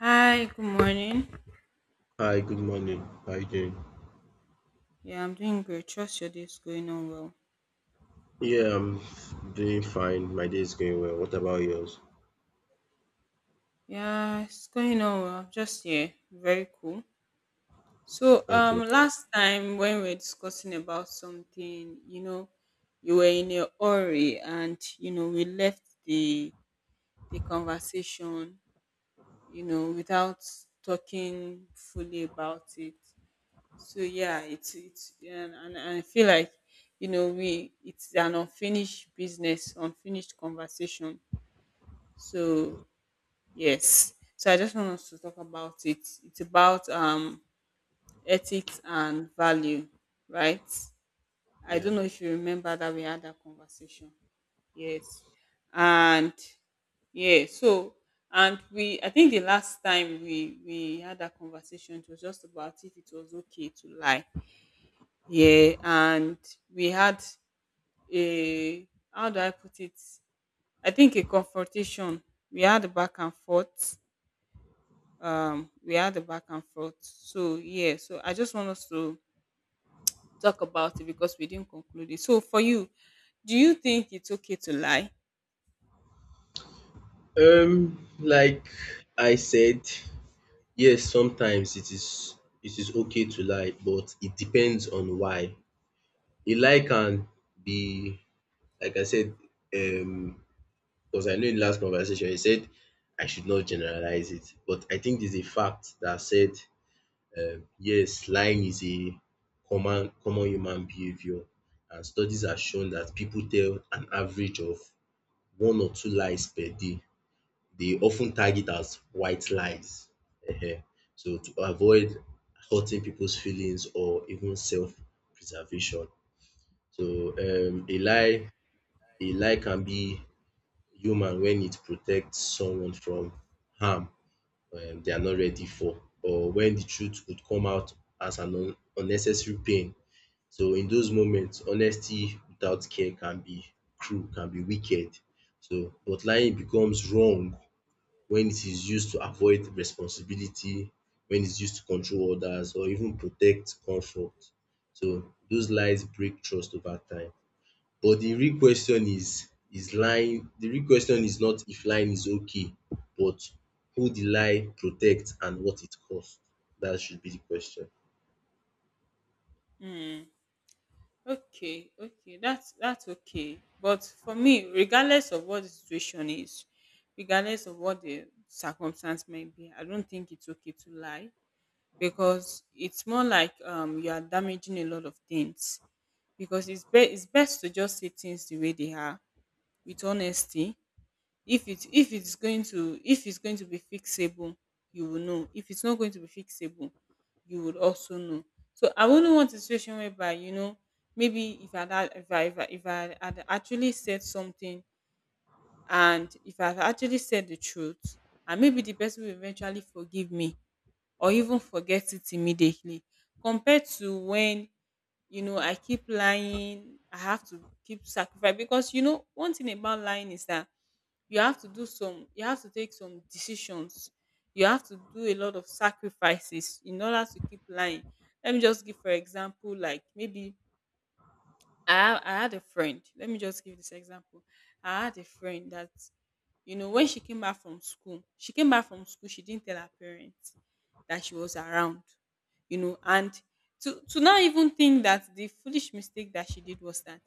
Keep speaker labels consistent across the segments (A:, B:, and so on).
A: Hi, good morning.
B: Hi, good morning. How are you doing?
A: Yeah, I'm doing great. Trust your day is going on well.
B: Yeah, I'm doing fine. My day is going well. What about yours?
A: Yeah, it's going on well. Just yeah, very cool. So um
B: Okay.
A: last time when we were discussing about something, you were in a hurry and we left the conversation, without talking fully about it. So yeah, it's and I feel like we it's an unfinished business, unfinished conversation. So yes, so I just want us to talk about it. It's about ethics and value, right? I
B: Yeah.
A: don't know if you remember that we had that conversation. Yes, and yeah, so and we I think the last time we had that conversation, it was just about if it was okay to lie. Yeah, and we had a how do I put it? I think a confrontation. We had a back and forth we had a back and forth, so yeah, so I just want us to talk about it because we didn't conclude it. So for you, do you think it's okay to lie?
B: Like I said, yes, sometimes it is okay to lie, but it depends on why. A lie can be, like I said, um, because I know in last conversation you said I should not generalize it, but I think there's a fact that said. Yes, lying is a common human behaviour, and studies have shown that people tell an average of one or two lies per day. They often ten tag it as white lies. So to avoid hurting people's feelings or even self preservation. So a lie can be human when it protects someone from harm they are not ready for, or when the truth would come out as an un unnecessary pain. So in those moments, honesty without care can be cruel, can be wicked. So but lying becomes wrong when it is used to avoid responsibility, when it's used to control others or even protect comfort. So those lies break trust over time. But the real question is lying the real question is not if lying is okay, but who the lie protects and what it costs. That should be the question.
A: Hmm. Okay, okay, that's okay, but for me regardless of what the situation is, regardless of what the circumstance may be, I don't think it's okay to lie, because it's more like you are damaging a lot of things, because it's best to just say things the way they are with honesty. If it's going to if it's going to be fixable, you will know. If it's not going to be fixable, you would also know. So I wouldn't want a situation whereby, maybe if if I had actually said something and if I had actually said the truth, and maybe the person will eventually forgive me or even forget it immediately, compared to when, I keep lying. I have to keep sacrifice, because you know one thing about lying is that you have to take some decisions, you have to do a lot of sacrifices in order to keep lying. Let me just give for example, like maybe I had a friend. Let me just give this example. I had a friend that, you know, when she came back from school, she came back from school. She didn't tell her parents that she was around, you know, and to not even think that. The foolish mistake that she did was that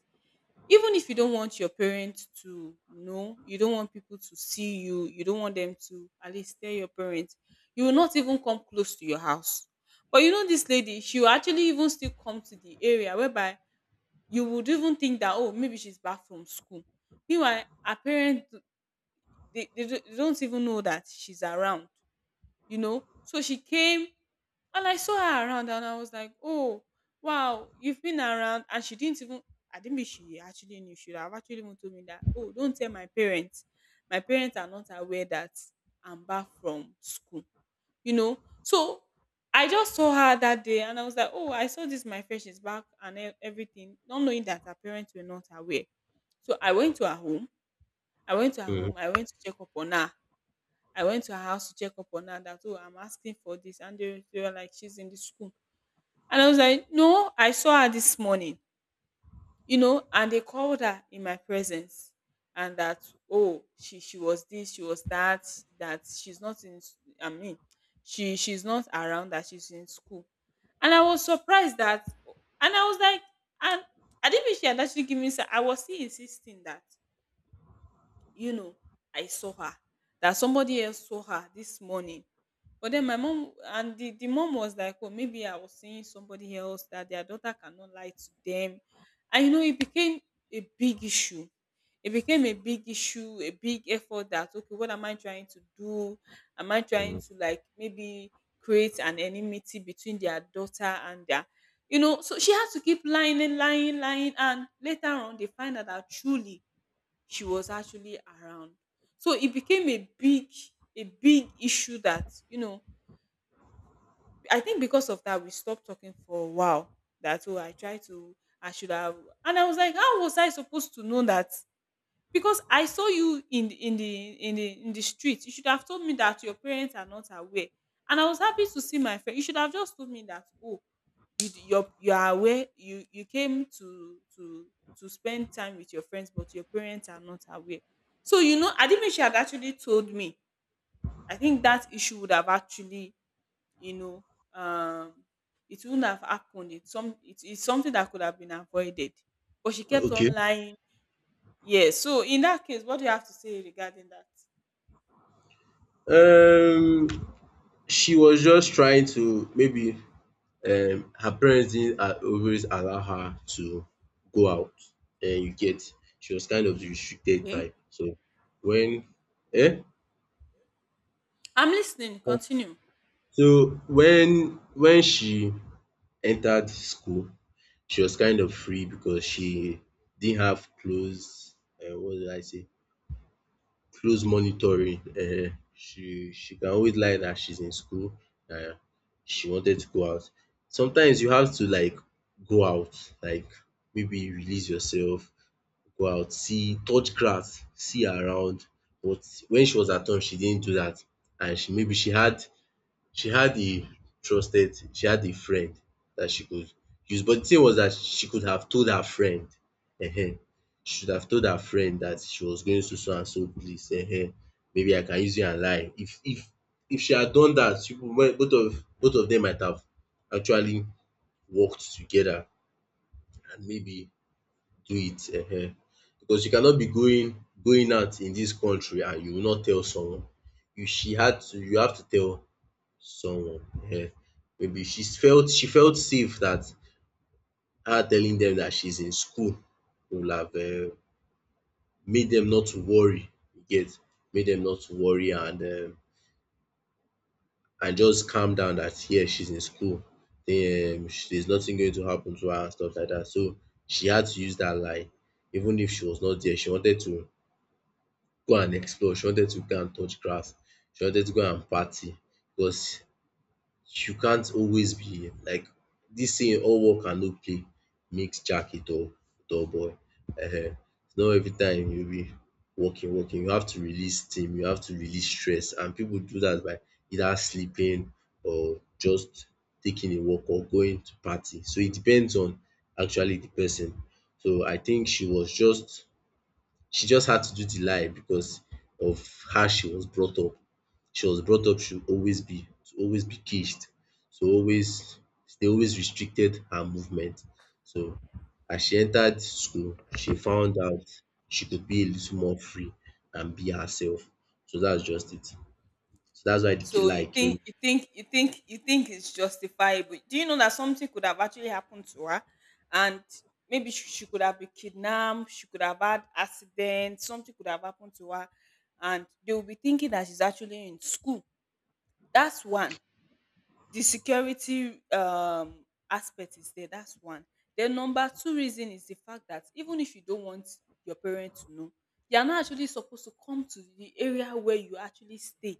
A: even if you don't want your parents to know, you don't want people to see you, you don't want them to at least tell your parents, you will not even come close to your house. But you know, this lady, she will actually even still come to the area, whereby you would even think that, oh, maybe she's back from school, meanwhile her parents they, they they don't even know that she's around. You know, so she came and I saw her around, and I was like, oh, wow, you've been around. And she didn't even, I didn't mean, she actually knew, she would have actually even told me that, oh, don't tell my parents, my parents are not aware that I'm back from school, you know. So I just saw her that day and I was like, oh, I saw this, my friend, she's back and everything, not knowing that her parents were not aware. So I went to her home. I went to her home. I went to check up on her. I went to her house to check up on her that, oh, I'm asking for this. And they were like, she's in the school. And I was like, no, I saw her this morning, you know. And they called her in my presence, and that, oh, she was this, she was that, that she's not in she's not around, that she's in school. And I was surprised that, and I was like, and I didn't mean, she had actually given me I was still insisting that, you know, I saw her. That somebody else saw her this morning. But then my mom and the mom was like, oh, maybe I was seeing somebody else, that their daughter cannot lie to them. And you know, it became a big issue. It became a big issue, a big effort, that okay, what am I trying to do? Am I trying
B: Mhm.
A: to like maybe create an enmity between their daughter and their, you know. So she had to keep lying and lying, lying, and later on they find out that truly she was actually around. So it became a big issue that, you know, I think because of that, we stopped talking for a while. That, oh, I tried to, I should have. And I was like, how was I supposed to know that? Because I saw you in the street. You should have told me that your parents are not aware. And I was happy to see my friend. You should have just told me that, oh, your you are aware, you came to spend time with your friends, but your parents are not aware. So you know, I didn't, she had actually told me, I think that issue would have actually, you know, um it wouldn't have happened. It's some, it's something that could have been avoided, but she kept
B: Okay.
A: on lying. Yes, so in that case, what do you have to say regarding that?
B: Um she was just trying to maybe, her parents didn't always allow her to go out. You get. She was kind of the restricted
A: Okay,
B: type. So when, eh?
A: I'm listening, continue.
B: So when she entered school, she was kind of free because she didn't have close, what did I say close monitoring. She can always lie that she's in school, and she wanted to go out. Sometimes you have to, like, go out, like maybe release yourself, go out, see, touch grass, see around, but when she was at home she didn't do that, and she maybe she had a she had a friend that she could use. But the thing was that she could have told her friend, she should have told her friend that she was going to so and so place. Maybe I can use you and lie. If she had done that, you people, both of them might have actually worked together and maybe do it. um because you cannot be going out in this country and you will not tell someone. You have to tell someone. um Maybe she felt safe that her telling them that she's in school would have, made them not to worry, you get, made them not to worry, and just calm down that here she's in school. Then there's nothing going to happen to her and stuff like that. So she had to use that lie even if she was not there. She wanted to go and explore, she wanted to go and touch grass, she wanted to go and party because you can't always be like this thing. All work and no play makes Jack a dull boy. Ehen. It's not every time you be working, working. You have to release steam, you have to release stress, and people do that by either sleeping or just taking a walk or going to party. So it depends on actually the person. So I think she just had to do the lie because of how she was brought up. She was brought up to always be, caged, so always they always restricted her movement. So as she entered school, she found out she could be a little more free and be herself. So that's just it. So that's why the key
A: So you
B: lie
A: think
B: came.
A: you think it's justifiable. Do you know that something could have actually happened to her? And maybe she could have been kidnapped, she could have had accident, something could have happened to her, and they will be thinking that she's actually in school. That's one. The security aspect is there. That's one. Then number two reason is the fact that even if you don't want your parents to know, they are not actually supposed to come to the area where you actually stay,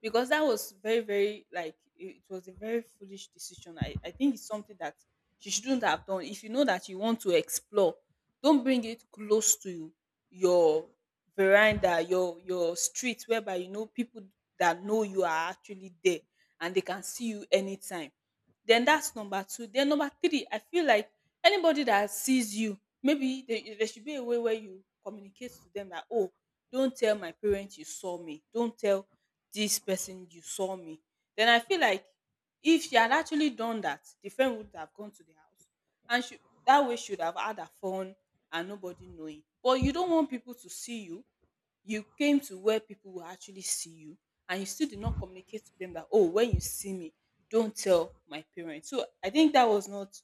A: because that was very very like it was a very foolish decision. I think it's something that she shouldn't have done. If you know that you want to explore, don't bring it close to your veranda, your street, whereby you know people that know you are actually there, and they can see you anytime. Then that's number two. Then number three, I feel like anybody that sees you maybe there should be a way where you communicate to them that, oh, don't tell my parents you saw me, don't tell this person you saw me. Then I feel like if she had actually done that, the friend would have gone to the house, and she, that way she would have had her phone, and nobody knowing. But you don't want people to see you, you came to where people will actually see you, and you still did not communicate to them that, oh, when you see me, don't tell my parents. So I think that was not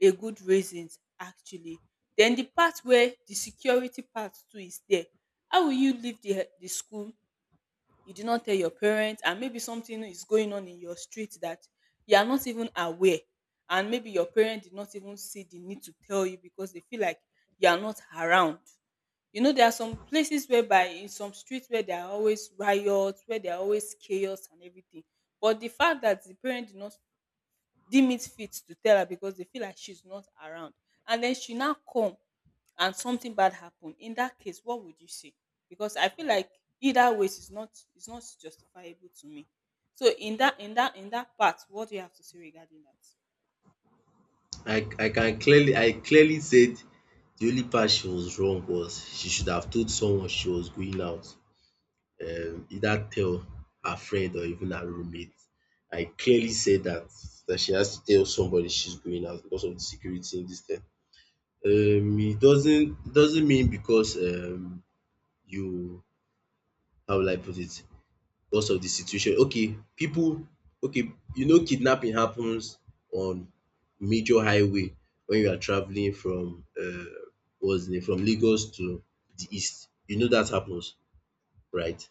A: a good reason, actually. Then the part where the security part too is there, how will you leave the school, you did not tell your parents, and maybe something is going on in your street that you are not even aware, and maybe your parent did not even see the need to tell you because they feel like you are not around. You know, there are some places whereby in some streets where there are always riots, where there are always chaos and everything, but the fact that the parent did not deem it fit to tell her because they feel like she's not around, and then she now come, and something bad happen, in that case what would you say? Because I feel like either ways is not, is not justifiable to me. So in that part, what do you have to say regarding that?
B: I clearly said the only part she was wrong was she should have told someone she was going out, either tell her friend or even her roommate. I clearly said that she has to tell somebody she's going out because of the security in this thing. It doesn't, it doesn't mean because, you how will I put it, because of the situation. Okay, people. Okay, kidnapping happens on major highway when you are traveling from, what's the name, from Lagos to the east. You know that happens, right?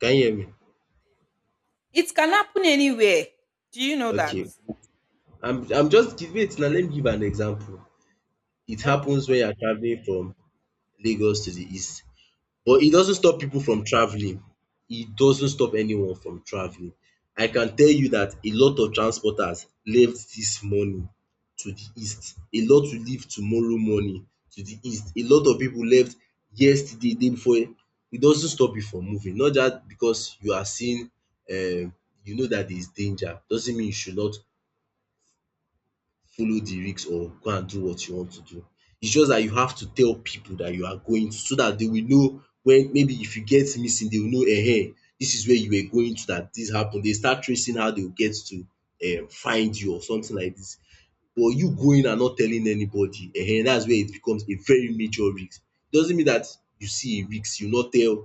B: Can you hear me?
A: It can happen anywhere. Do you know that?
B: Okay, I'm just give it now. Let me give an example. It
A: Okay,
B: happens when you're
A: continue.
B: traveling from Lagos to the east, but it doesn't stop
A: Okay.
B: people from traveling. It doesn't stop anyone from traveling. I can tell you that a lot of transporters left this morning to the east. A lot will leave tomorrow morning to the east. A lot of people left yesterday, day before. It doesn't stop you from moving. Not just because you are seeing, um you know that there is danger doesn't mean you should not follow the risk or go and do what you want to do. It's just dat you have to tell pipu dat you are going, so dat de will know wen, maybe if you get missing, de will know, dis is where you were going to dat dis happen. Dey start tracing how dey go get to, find you or something like dis. But you going and not telling anybody, dats where it becomes a very major risk. It doesn't mean dat you see a risk you no tell,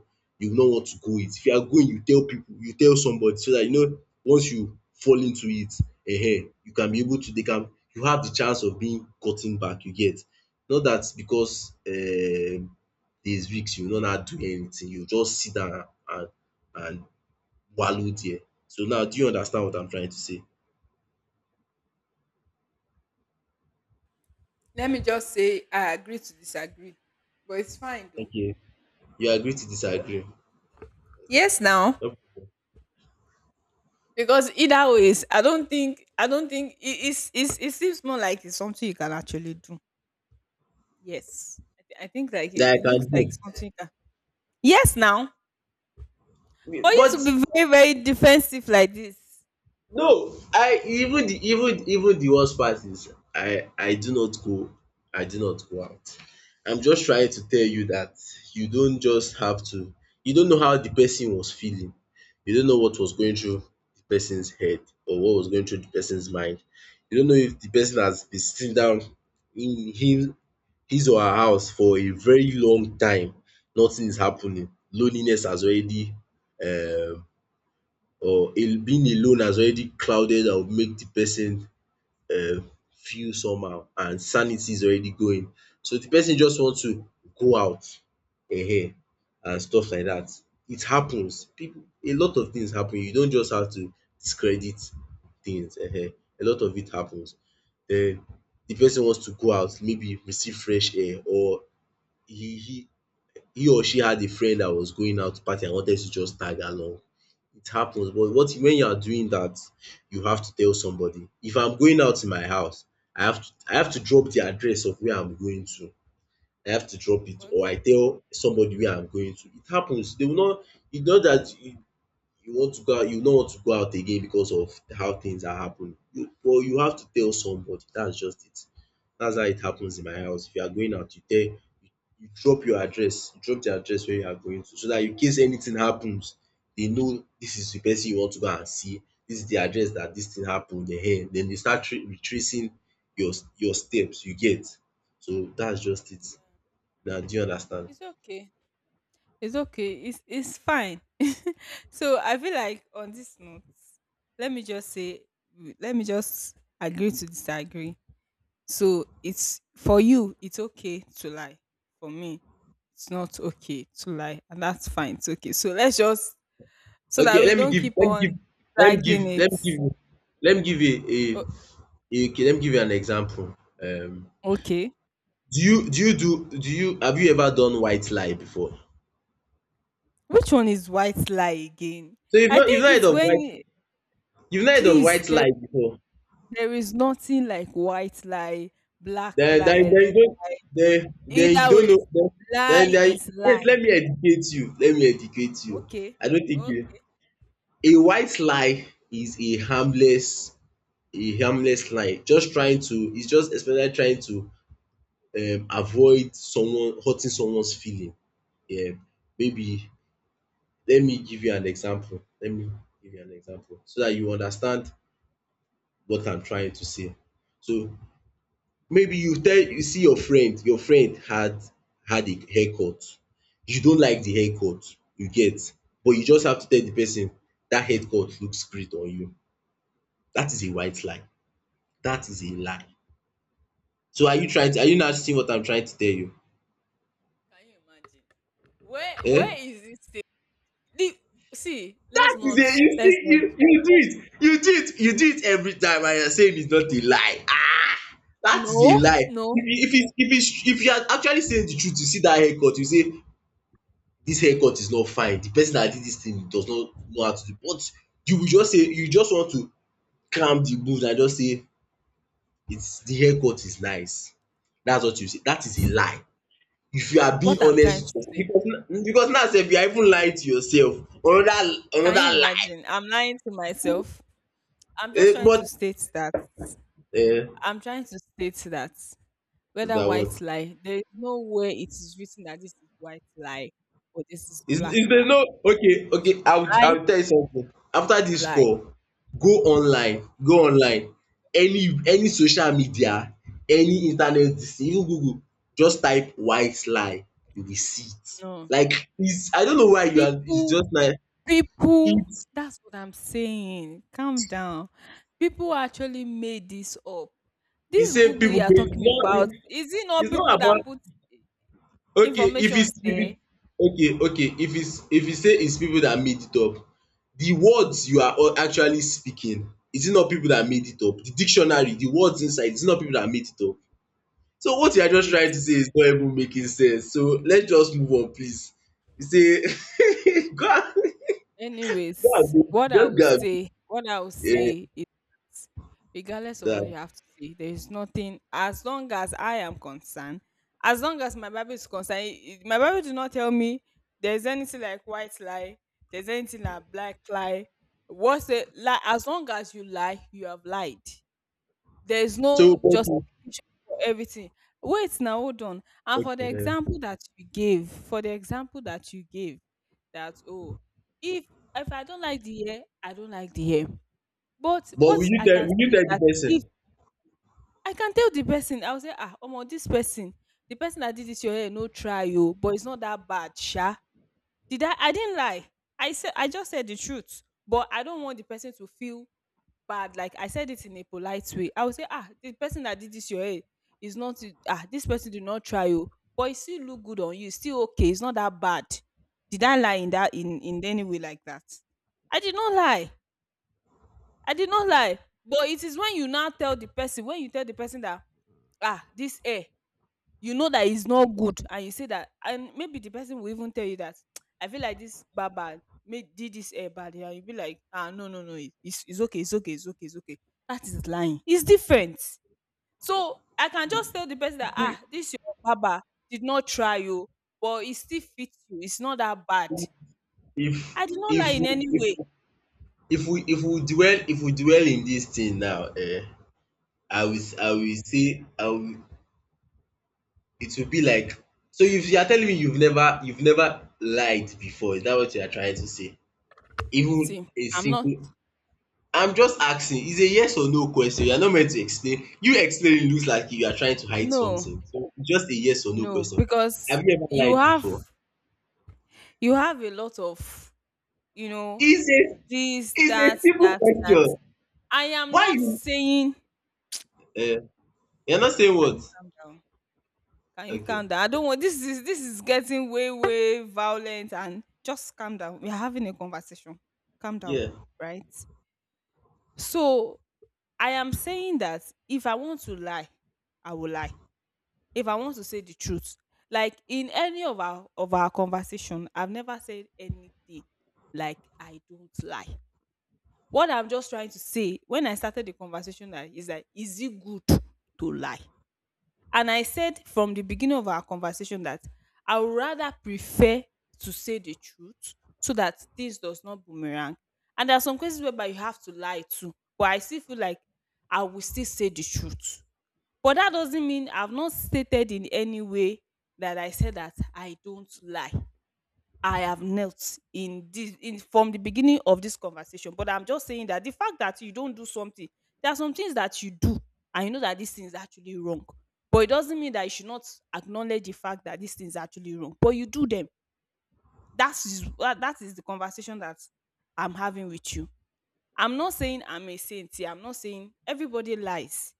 B: you no want to go it. If you are going, you tell pipu, you tell somebody so dat you know once you fall into it, you can be able to dey calm, you have de chance of being gotten back, you get. Not dat because, there is risk you no now do anything, you just sit down and wallow there. So now do you understand what I am trying to say?
A: Let me just say I agree to disagree. But it's fine though.
B: You agree to disagree? Okay now.
A: Yes, now. Because either ways, i don't think it is, it's, it seems more like it's something you can actually do. Yes, I think like
B: That I
A: it looks
B: can
A: like
B: do.
A: it's something you can. Yes, now. For you to
B: But
A: be very very defensive like this.
B: no, I even, the even even the worst part is, I do not go out. I'm just trying to tell you that, you don't just have to you don't know how the person was feeling. You don't know what was going through the person's head or what was going through the person's mind. You don't know if the person has been sitting down in him his or her house for a very long time. Nothing is happening. Loneliness has already, um or a being alone has already clouded and would make the person, feel somehow, and sanity is already going. So the person just wants to go out, eh? And stuff like that. It happens. People, a lot of things happen. You don't just have to discredit things. Eh? A lot of it happens. Den the person wants to go out, maybe receive fresh air, or he he he or she had a friend that was going out to party and wanted to just tag along. It happens. But what when you are doing that, you have to tell somebody. If I'm going out in my house, I have to drop the address of where I'm going to. I have to
A: Of
B: drop it, or
A: course.
B: I tell somebody where I'm going to. It happens. They will not, it's not that you want to go out, you no want to go out again because of how things are happening. But you have to tell somebody. That's just it. That's how it happens in my house. If you are going out, you tell, you drop your address, you drop the address where you are going to, so that in case anything happens, they know this is the person you want to go and see. This is the address that this thing happened. Then they start retracing your steps. You get. So that's just it. Now, do you understand?
A: It's okay, it's okay, it's fine. So I feel like on this note, let me just say, let me just agree to disagree. So it's, for you, it's okay to lie. For me, it's not okay to lie, and that's fine. It's okay. So let's just, so that
B: Okay,
A: we
B: let me
A: don't
B: give,
A: keep
B: let me give,
A: on
B: let me give,
A: dragging
B: let
A: it.
B: me give, let me give
A: O-
B: a Okay, let me give you an example. Um,
A: okay.
B: do you do you do do you Have you ever done white lie before?
A: Which one is white lie again?
B: So
A: I think it's when
B: you've not heard of
A: please
B: white
A: there
B: lie before.
A: there is nothing like white lie, black
B: Then
A: lie, red.
B: You
A: Either
B: don't
A: way,
B: know then.
A: lie
B: then, then
A: is
B: Wait,
A: lie.
B: let me educate you.
A: Okay.
B: I don't think you
A: Okay.
B: A white lie is a harmless lie, just trying to, it's just especially trying to, avoid someone, hurting someone's feeling. Yeah, maybe. Let me give you an example so that you understand what I'm trying to say. So maybe you see your friend had a haircut. You don't like the haircut, you get, but you just have to tell the person that haircut looks great on you. That is a white lie. That is a lie. So are you not seeing what I'm trying to tell you?
A: Can you imagine? Where
B: Um
A: is this thing? The, See, let's
B: Dat a
A: not
B: You see,
A: let's
B: you
A: not
B: you do it, you do it, you do it every time, and you are saying it's not a lie. That is
A: No,
B: a lie.
A: no.
B: If you if it's if it's if you are actually saying the truth, you see that haircut, you say this haircut is not fine. The person that did this thing does not know how to do. But you will just say, you just want to cram the mood and just say it's the haircut is nice. That's what you say. That is a lie. If you are being
A: What I'm trying to
B: honest with yourself,
A: say,
B: because now sef you are even lying to yourself. Another
A: can you
B: another lie.
A: imagine? I'm lying to myself. I'm just
B: Eh,
A: trying
B: but
A: to state that.
B: eh,
A: I'm trying to state that whether
B: that was
A: white lie, there is no way it is written that this is white lie or this is black
B: Is there
A: lie.
B: no okay,
A: If
B: okay,
A: you
B: I'll
A: lie,
B: I'll tell you something. After this
A: you lie.
B: call, go online, go online. Any social media, any internet, this thing, even Google, just type white lie, you will see it.
A: No.
B: Like, it's I don't know why you are it's
A: People,
B: just like
A: people,
B: it's
A: that's what I'm saying. Calm down. People actually made this up.
B: the
A: This
B: same
A: Google you
B: people,
A: are
B: but it's
A: talking
B: not
A: about, is it not
B: it's not
A: people
B: about.
A: that put
B: Okay,
A: information
B: if
A: there?
B: it's okay, okay, if you say it's people that made it up, the words you are all actually speaking, is it not people that made it up? The dictionary, the words inside, is it not people that made it up? So what you are just
A: Wait.
B: trying to say is not even making sense. So let's just move on, please. You say and go and
A: Anyways,
B: do-
A: what I
B: just go
A: would
B: and do,
A: say, what I would say is that regardless of what
B: that.
A: you have to say, there is nothing as long as I am concerned, as long as my Bible is concerned, my Bible do not tell me there's anything like white lie, there's anything like black lie. What's it lie? As long as you lie, you have lied. There is
B: So
A: no
B: but you
A: justification for everything. Wait now, hold on. And for
B: Okay,
A: the
B: eh.
A: example that you gave, for the example that you gave that, oh, if if I don't like the hair I don't like the hair, but
B: But will
A: what
B: you
A: I
B: tell
A: can
B: will you
A: see is
B: tell the
A: that if
B: person.
A: I can tell the person, I will say, ah, omo, this person, the person that did this your hair no try you, but it's not that bad sha. Did I didn't lie. I just said the truth, but I don't want the person to feel bad. Like I said it in a polite way. I would say, ah, the person that did this your hair is not ah, this person did not try you, but it still look good on you. It's still okay. It's not that bad. Did I lie in that, in any way like that? I did not lie. I did not lie. But it is when you tell the person that, ah, this hair, you know that it's not good, and you say that, and maybe the person will even tell you that I feel like this barber made did this hair bad, and you'll be like, ah, no, no, no, it's okay, it's okay, it's okay, it's okay. That is lying. It's different. So I can just tell the person that, ah, this your barber did not try you, but it still fits you, it's not that bad.
B: if
A: I did not
B: if
A: lie in any way.
B: if we if we dwell in this thing now, I will s-
A: Okay.
B: I will say I will it will be like, so if you are telling me you've never lied before, is that what you are trying to say? Even
A: See,
B: a
A: I'm not.
B: single. I'm just asking, it's a yes or no question. You are not meant to explain. You explaining looks like you are trying to hide
A: No,
B: something, so just a yes or no
A: no.
B: question.
A: Because
B: Have you ever
A: you
B: lied
A: have
B: before?
A: you have a lot of you know
B: It's a
A: this,
B: it's
A: that,
B: a simple
A: that, that.
B: question.
A: I am
B: Why
A: not
B: you
A: saying,
B: um you are not saying
A: can
B: what?
A: you calm down? Can you
B: Okay,
A: calm down? I don't want, this is getting way, way violent, and just calm down. We're having a conversation. Calm down,
B: yeah.
A: right? So I am saying that if I want to lie, I will lie. If I want to say the truth, like in any of our conversation, I've never said anything like I don't lie. What I'm just trying to say when I started the conversation, that is, that is it good to lie? And I said from the beginning of our conversation that I would rather prefer to say the truth so that this does not boomerang. And there are some cases whereby you have to lie too, but I still feel like I will still say the truth. But that doesn't mean I've not stated in any way that I said that I don't lie. I have knelt in this, in from the beginning of this conversation, but I'm just saying that the fact that you don't do something, there are some things that you do, and you know that this thing is actually wrong. But it doesn't mean that you should not acknowledge the fact that this thing is actually wrong. But you do them. That is the conversation that I'm having with you. I'm not saying I'm a saint. Here. I'm not saying everybody lies.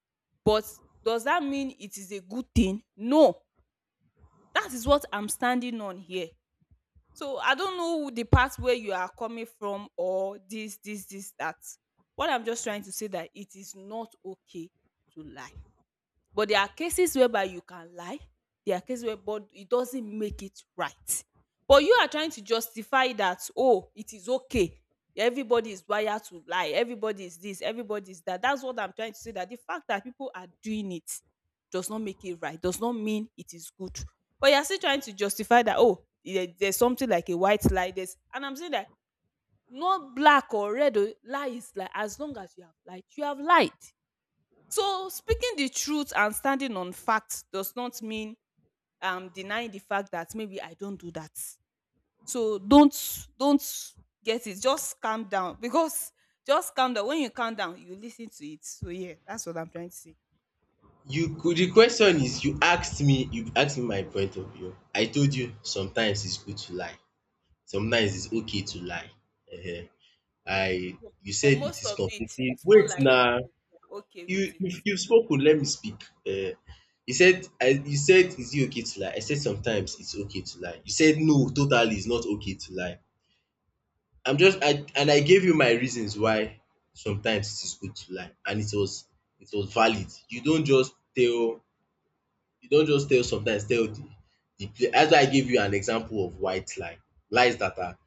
A: But does that mean it is a good thing? No. That is what I'm standing on here. So I don't know the part where you are coming from or this, that. What I'm just trying to say that it is not okay to lie. But there are cases whereby you can lie. There are cases where but it doesn't make it right. But you are trying to justify that, oh, it is okay. Everybody is wired to lie. Everybody is this. Everybody is that. That's what I'm trying to say. That the fact that people are doing it does not make it right, does not mean it is good. But you're still trying to justify that, oh, there, there's something like a white lie. There's, and I'm saying that not black or red, oh, lie is like as long as you have lied So speaking the truth and standing on fact does not mean denying the fact that maybe I don't do that. So don't get it. Just calm down because just calm down. When you calm down, you listen to it. So yeah, that's what I'm trying to say.
B: You could The question is, you asked me my point of view. I told you sometimes it's good to lie. Sometimes it's okay to lie. Ehen. I
A: But,
B: You
A: but
B: said it
A: most
B: is
A: of it,
B: completely,
A: it's more
B: wait
A: like
B: now,
A: you are okay
B: you
A: with it.
B: you you spoken. Let me speak. um you said, is it okay to lie? I said sometimes it's okay to lie. You said, no, totally it's not okay to lie. I'm just I And I gave you my reasons why sometimes it is good to lie, and it was valid. You don't just tell sometimes, tell the player. That's why I give you an example of white lie. Lies that are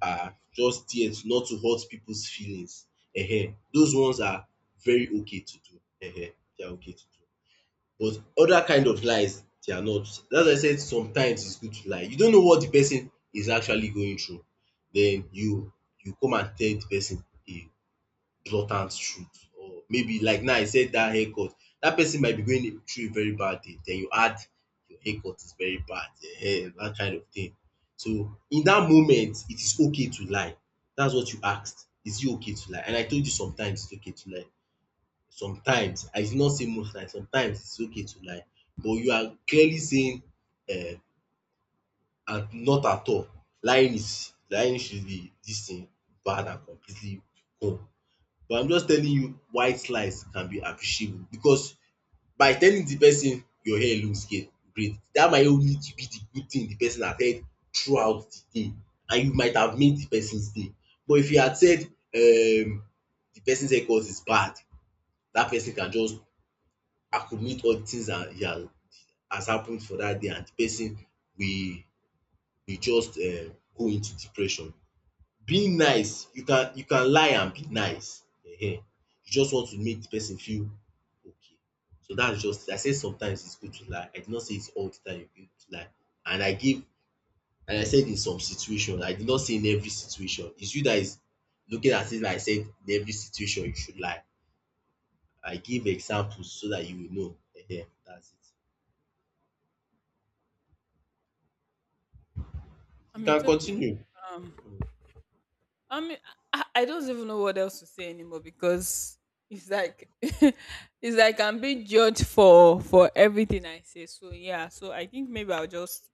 B: are just there to not to hurt people's feelings. Ehen. Those ones are very okay to do. Ehen. They are okay to do. But other kind of lies they are not. That's why I said sometimes it's good to lie. You don't know what the person is actually going through. Then you come and tell the person a blatant truth, or maybe like now, I said that haircut, that person might be going through a very bad day, then you add, your haircut is very bad, that kind of thing. So in that moment it is okay to lie. That's what you asked. Is it okay to lie? And I told you sometimes it's okay to lie. Sometimes, I did not say most times, sometimes it's okay to lie. But you are clearly saying, um at not at all. Lying is, lying should be dis thing bad and completely wrong. But I'm just telling you why slice can be appreciable, because by telling the person your hair looks great, that might even be the good thing the person has heard throughout the day, and you might have made the person's day. But if you had said, the person's haircut is bad, that person can just accumulate all the things that he has happened for that day, and the person will will just go into depression. Being nice, you can lie and be nice. You just want to make the person feel okay. So that's just it. I said sometimes it's good to lie. I did not say it's all the time you need to lie. And I gave and I said in some situation. I did not say in every situation. It's you that is looking as if I said in every situation you should lie. I give examples so that you will know. That's it.
A: I
B: You
A: mean,
B: can
A: it's okay.
B: continue.
A: I mean, I don't even know what else to say anymore because it's like it's like I'm being judged for everything I say. So yeah, so I think maybe I'll just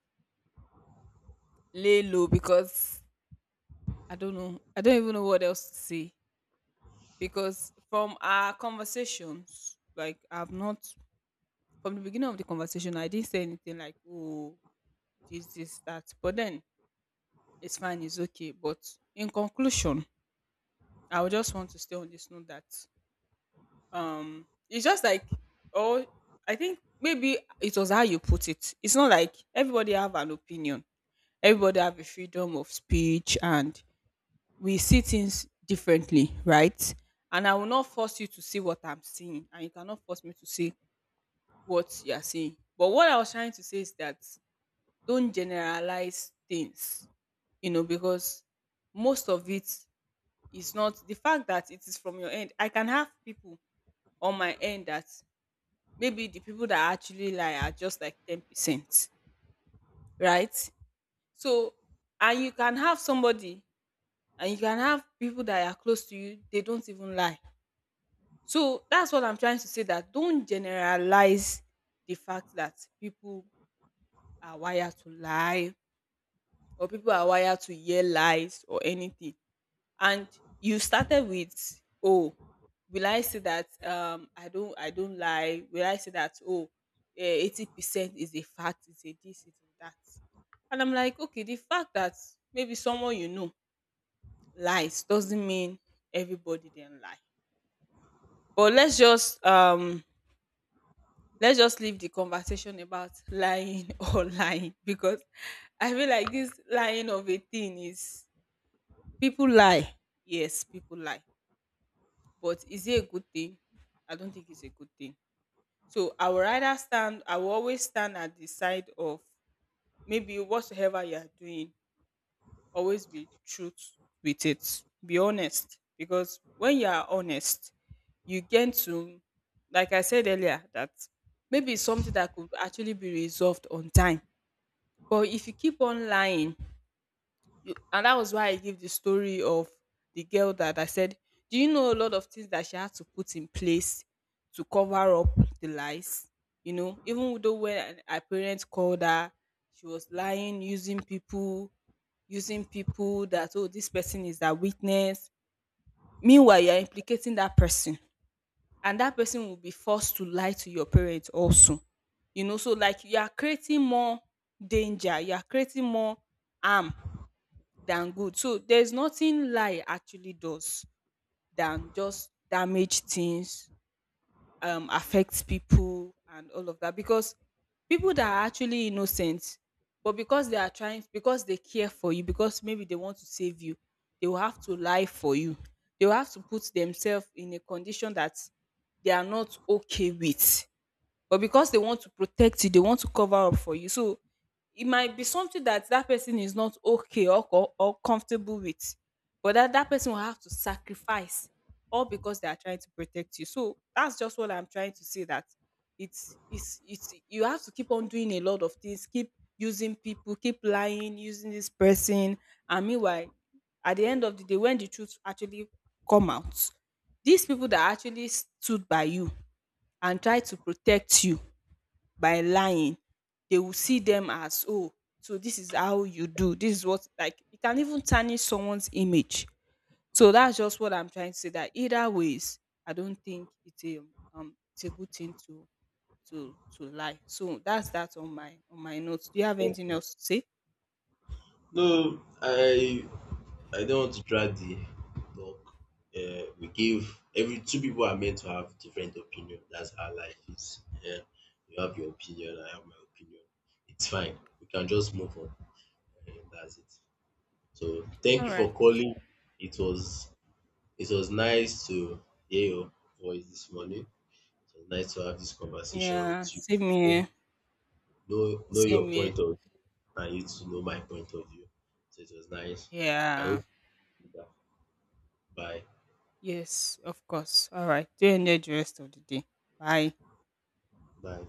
A: lay low because I don't know. I don't even know what else to say because from our conversations, like I've not from the beginning of the conversation, I didn't say anything like oh this this that. But then it's fine, it's okay. But in conclusion, I would just want to stay on this note that it's just like oh, I think maybe it was how you put it. It's not like everybody have an opinion. Everybody have a freedom of speech, and we see things differently, right? And I will not force you to see what I'm seeing, and you cannot force me to see what you are seeing. But what I was trying to say is that don't generalize things, you know, because most of it is not the fact that it is from your end. I can have people on my end that maybe the people that actually lie are just like 10%, right? So, and you can have somebody and you can have people that are close to you, they don't even lie. So, that's what I'm trying to say that don't generalize the fact that people are wired to lie or people are wired to hear lies or anything and you started with oh will I say that I don't lie will I say that oh eh, 80% is a fact it's a this it's a that and I'm like okay the fact that maybe someone you know lies doesn't mean everybody then lie but let's just leave the conversation about lying or lying because I feel like this lying of a thing is people lie yes people lie But is it a good thing? I don't think it's a good thing. So I will rather stand, I will always stand at the side of maybe whatsoever you are doing, always be truth with it. Be honest. Because when you are honest, you get to, like I said earlier, that maybe it's something that could actually be resolved on time. But if you keep on lying, you and that was why I give the story of the girl that I said, Do you know a lot of things that she had to put in place to cover up the lies? You know, even though when her parents called her, she was lying, using people that, oh, this person is a witness. Meanwhile, you're implicating that person, and that person will be forced to lie to your parents also. You know, so like you are creating more danger, you are creating more harm than good. So there's nothing lie actually does than just damage things, affect people and all of that. Because people that are actually innocent, but because they are trying, because they care for you, because maybe they want to save you, they will have to lie for you. They will have to put themselves in a condition that they are not okay with. But because they want to protect you, they want to cover up for you. So it might be something that that person is not okay or co- or comfortable with, but that that person will have to sacrifice all because they are trying to protect you. So that's just what I'm trying to say that it's you have to keep on doing a lot of things, keep using people, keep lying, using this person, and meanwhile, at the end of the day, when the truth actually come out, these people that actually stood by you and tried to protect you by lying, they will see them as, "Oh, so this is how you do. This is what" like it can even tarnish someone's image. So that's just what I'm trying to say that either ways, I don't think it's a good thing to lie. So that's that on my notes. Do you have anything else to say?
B: No, I don't want to drag the talk. We give every Two people are meant to have different opinion. That's how life is. Yeah, you have your opinion. I have my opinion. It's fine. We can just move on. And that's it. So thank
A: All
B: you for
A: right.
B: calling. It was it was nice to hear your voice this morning. It was nice to have this conversation
A: Yeah,
B: with you.
A: same here.
B: Know your
A: Same here.
B: point of view, and you to know my point of view. So it was nice. I
A: Yeah.
B: hope. You do that. Bye.
A: Yes, of course. All right. Do enjoy the rest of the day. Bye.
B: Bye.